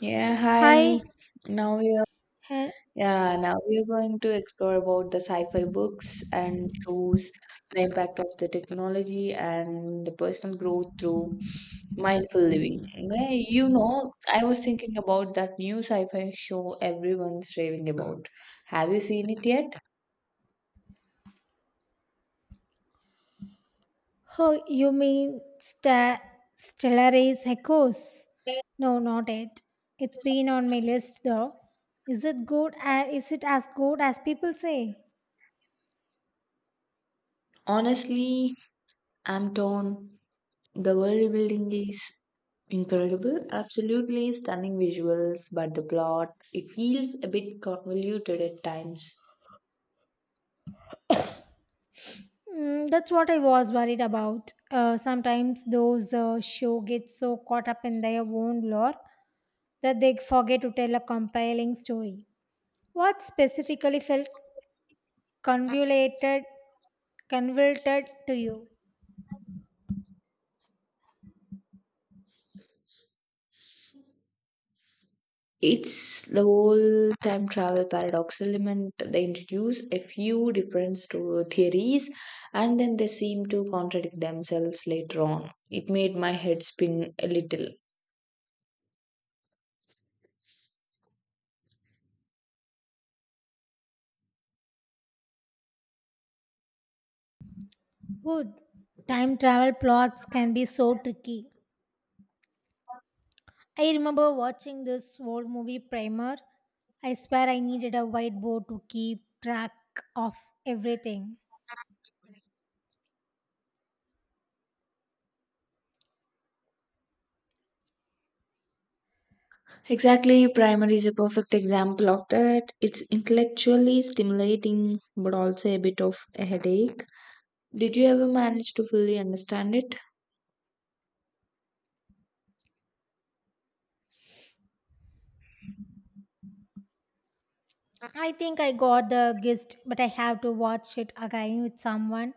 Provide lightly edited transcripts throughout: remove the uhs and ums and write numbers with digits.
Yeah, hi. Hi. Now we are He- yeah, now we are going to explore about the sci-fi books and shows, the impact of the technology and the personal growth through mindful living. Okay. I was thinking about that new sci-fi show everyone's raving about. Have you seen it yet? oh, you mean Stellaris Echoes? No, not it. It's been on my list though. Is it good? A Is it as good as people say? Honestly, I'm torn. The world building is incredible, absolutely stunning visuals, but the plot, it feels a bit convoluted at times. That's what I was worried about. Sometimes those show get so caught up in their own lore that they forget to tell a compelling story. What specifically felt convoluted, convoluted to you? It's the whole time travel paradox element. They introduce a few different theories, and then they seem to contradict themselves later on. It made my head spin a little. Good. Time travel plots can be so tricky. I remember watching this old movie Primer. I swear I needed a whiteboard to keep track of everything. Exactly, primary is a perfect example of that. It's intellectually stimulating but also a bit of a headache. Did you ever manage to fully understand it? I think I got the gist, but I have to watch it again with someone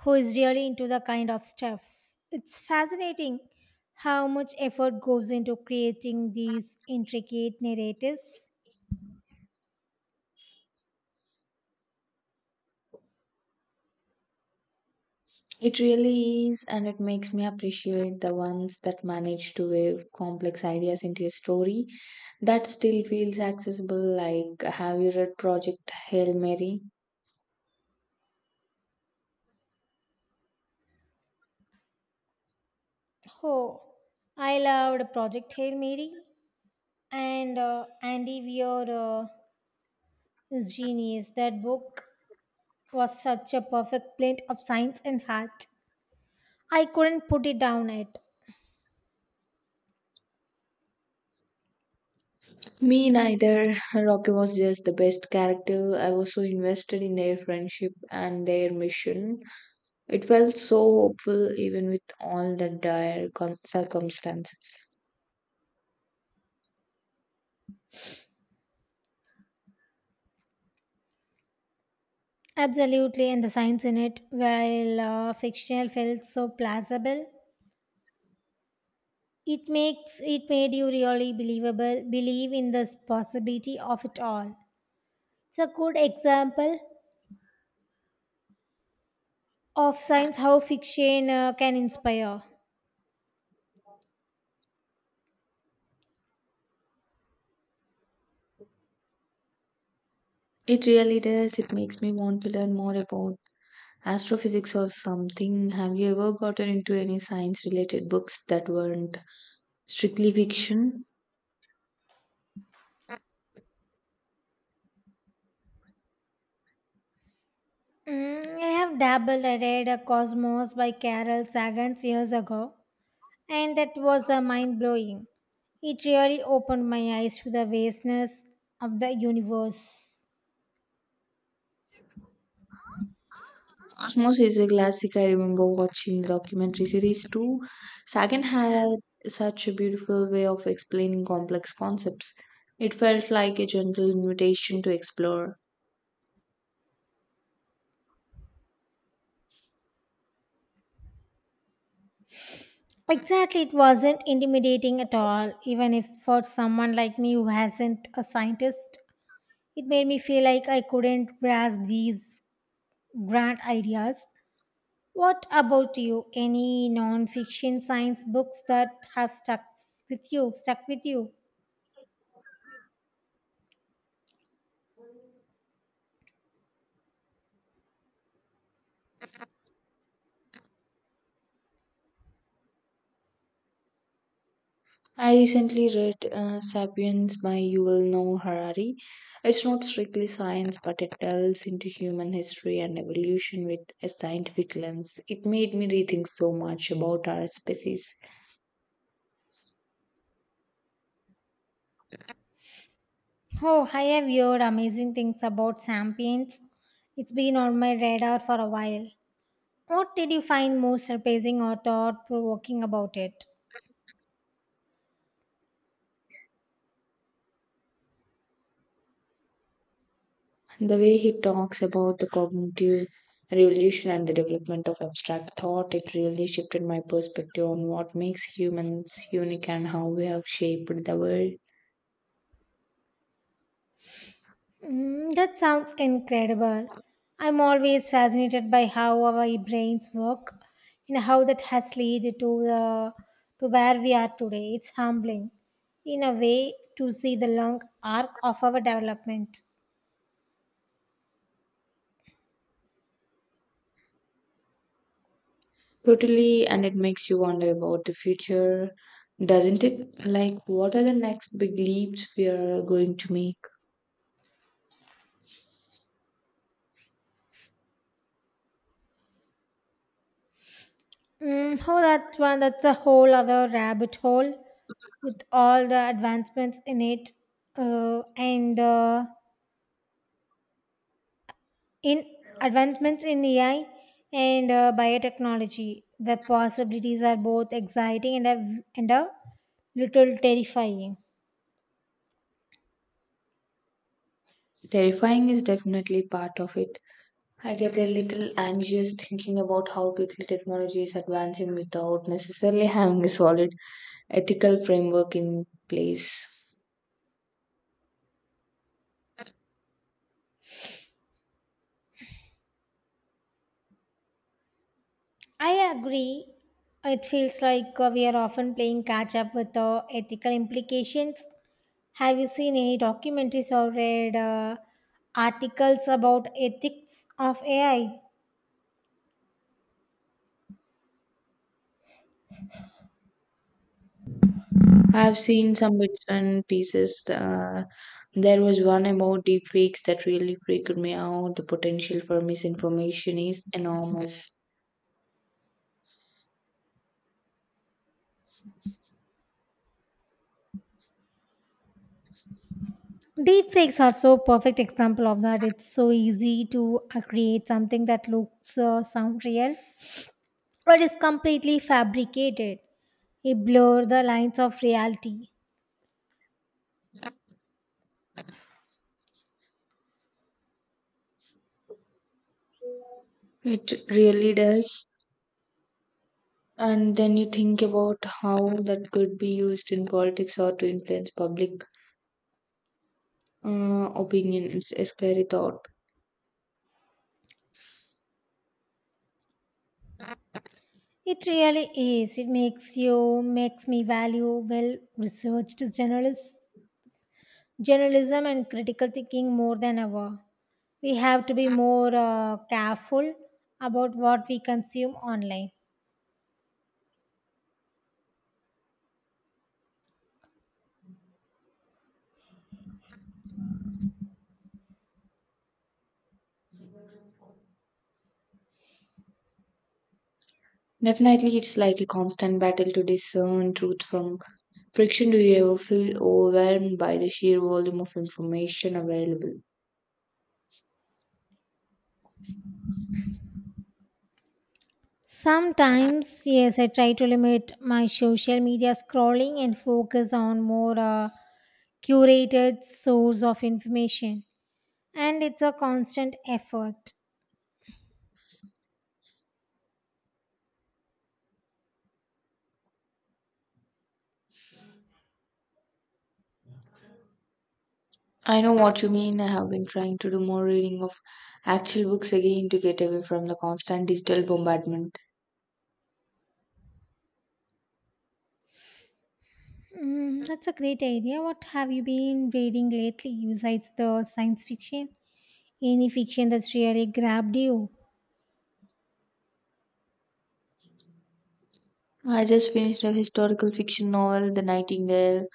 who is really into the kind of stuff. It's fascinating how much effort goes into creating these intricate narratives. It really is, and it makes me appreciate the ones that manage to weave complex ideas into a story that still feels accessible. Like, have you read Project Hail Mary? Oh, I loved Project Hail Mary. And Andy Weir is genius. That book was such a perfect blend of science and heart. I couldn't put it down. It Me neither. Rocky was just the best character. I was so invested in their friendship and their mission. It felt so hopeful even with all the dire circumstances. absolutely, and the science in it, while fictional, felt so plausible. It made you really believable. Believe in the possibility of it all. It's a good example of science how fiction can inspire. It really does. It makes me want to learn more about astrophysics or something. Have you ever gotten into any science related books that weren't strictly fiction? I have dabbled. I read a Cosmos by Carol Sagan years ago. And that was mind blowing. It really opened my eyes to the vastness of the universe. Cosmos is a classic. I remember watching the documentary series too. Sagan had such a beautiful way of explaining complex concepts. It felt like a gentle invitation to explore. Exactly, it wasn't intimidating at all, even if for someone like me who hasn't a scientist, it made me feel like I couldn't grasp these grand ideas. What about you? Any non-fiction science books that have stuck with you? I recently read *Sapiens* by Yuval Noah Harari. It's not strictly science, but it delves into human history and evolution with a scientific lens. It made me rethink so much about our species. Oh, I have heard amazing things about Sapiens. It's been on my radar for a while. What did you find most surprising or thought provoking about it? The way he talks about the cognitive revolution and the development of abstract thought, it really shifted my perspective on what makes humans unique and how we have shaped the world. That sounds incredible. I'm always fascinated by how our brains work and how that has led to the to where we are today. It's humbling, in a way, to see the long arc of our development. Totally, and it makes you wonder about the future, doesn't it? Like, what are the next big leaps we are going to make? That's a whole other rabbit hole with all the advancements in it and the in advancements in AI and biotechnology, the possibilities are both exciting and a little terrifying. Terrifying is definitely part of it. I get a little anxious thinking about how quickly technology is advancing without necessarily having a solid ethical framework in place. I agree. It feels like we are often playing catch up with the ethical implications. Have you seen any documentaries or read articles about ethics of AI? I've seen some bits and pieces. There was one about deep fakes that really freaked me out. The potential for misinformation is enormous. Deepfakes are so perfect example of that. It's so easy to create something that looks sound real or is completely fabricated. It blurs the lines of reality. It really does. And then you think about how that could be used in politics or to influence public opinion. It's a scary thought. It really is. It makes me value well journalism and critical thinking more than ever. We have to be more careful about what we consume online. Definitely, it's like a constant battle to discern truth from friction. Do you ever feel overwhelmed by the sheer volume of information available? Sometimes, yes, I try to limit my social media scrolling and focus on more curated source of information. And it's a constant effort. I know what you mean. I have been trying to do more reading of actual books again to get away from the constant digital bombardment. That's a great idea. What have you been reading lately besides the science fiction? Any fiction that's really grabbed you? I just finished a historical fiction novel, The Nightingale.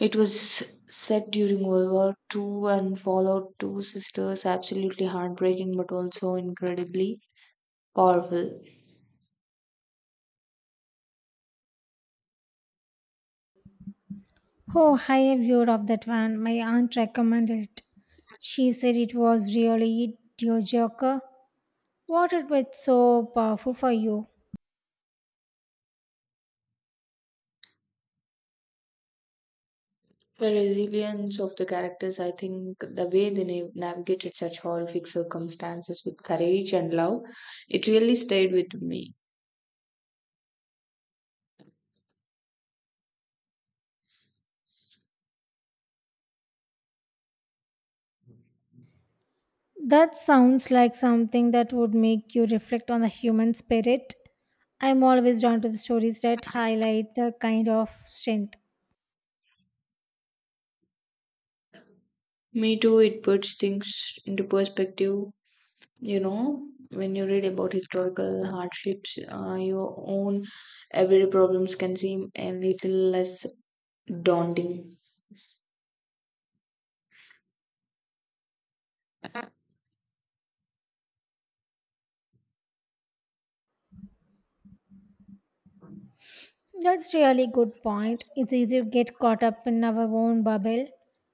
It was set during World War Two and followed two sisters, absolutely heartbreaking but also incredibly powerful. Oh, I have heard of that one. My aunt recommended it. She said it was really joker. What it was so powerful for you? The resilience of the characters, I think, the way they navigated such horrific circumstances with courage and love, it really stayed with me. That sounds like something that would make you reflect on the human spirit. I'm always drawn to the stories that highlight the kind of strength. Me too, it puts things into perspective. You know, when you read about historical hardships, your own everyday problems can seem a little less daunting. That's really good point. It's easy to get caught up in our own bubble.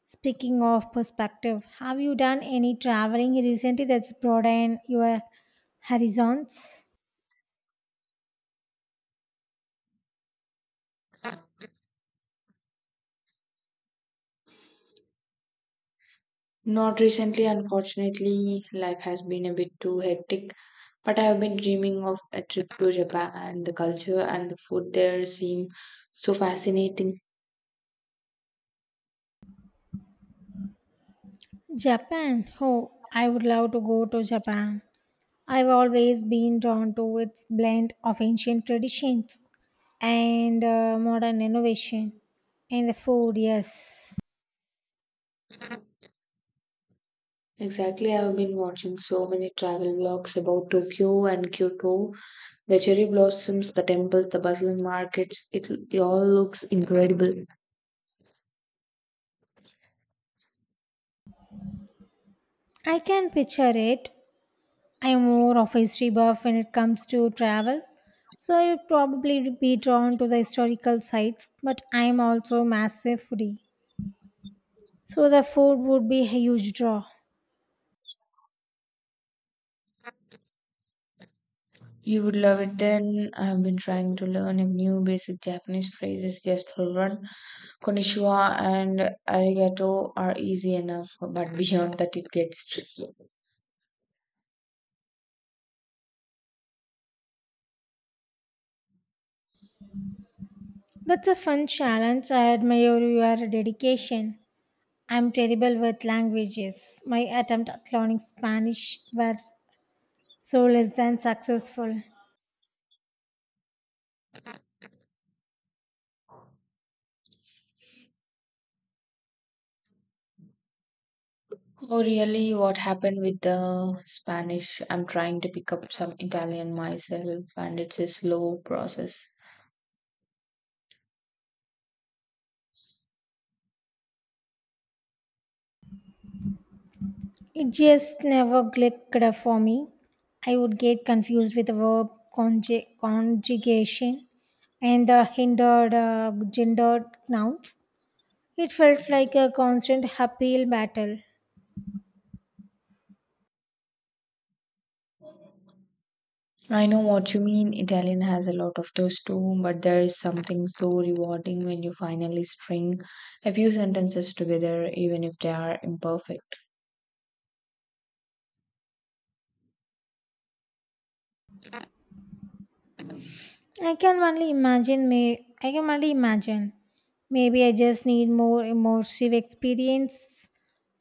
Speaking of perspective, have you done any traveling recently that's broadened your horizons? Not recently, unfortunately, life has been a bit too hectic. But I have been dreaming of a trip to Japan, and the culture and the food there seem so fascinating. Japan. Oh, I would love to go to Japan. I've always been drawn to its blend of ancient traditions and modern innovation. And the food, yes. Exactly, I have been watching so many travel vlogs about Tokyo and Kyoto, the cherry blossoms, the temples, the bustling markets. It all looks incredible. I can picture it. I'm more of a history buff when it comes to travel, so I would probably be drawn to the historical sites, but I'm also a massive foodie, so the food would be a huge draw. You would love it then. I have been trying to learn a new basic Japanese phrases just for fun. Konnichiwa and arigato are easy enough, but beyond that it gets tricky. That's a fun challenge. I admire your dedication. I'm terrible with languages. My attempt at learning Spanish was so less than successful. Oh, really? What happened with the Spanish? I'm trying to pick up some Italian myself, and it's a slow process. It just never clicked for me. I would get confused with the conjugation and the hindered gendered nouns. It felt like a constant uphill battle. I know what you mean. Italian has a lot of those too, but there is something so rewarding when you finally string a few sentences together, even if they are imperfect. I can only imagine. Maybe I just need more immersive experience,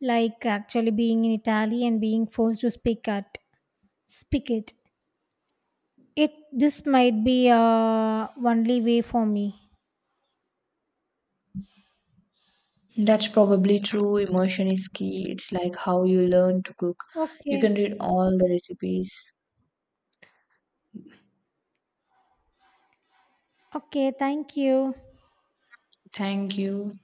like actually being in Italy and being forced to speak it. It this might be only way for me. That's probably true. Emotion is key. It's like how you learn to cook. You can Okay. read all the recipes. Okay. Thank you. Thank you.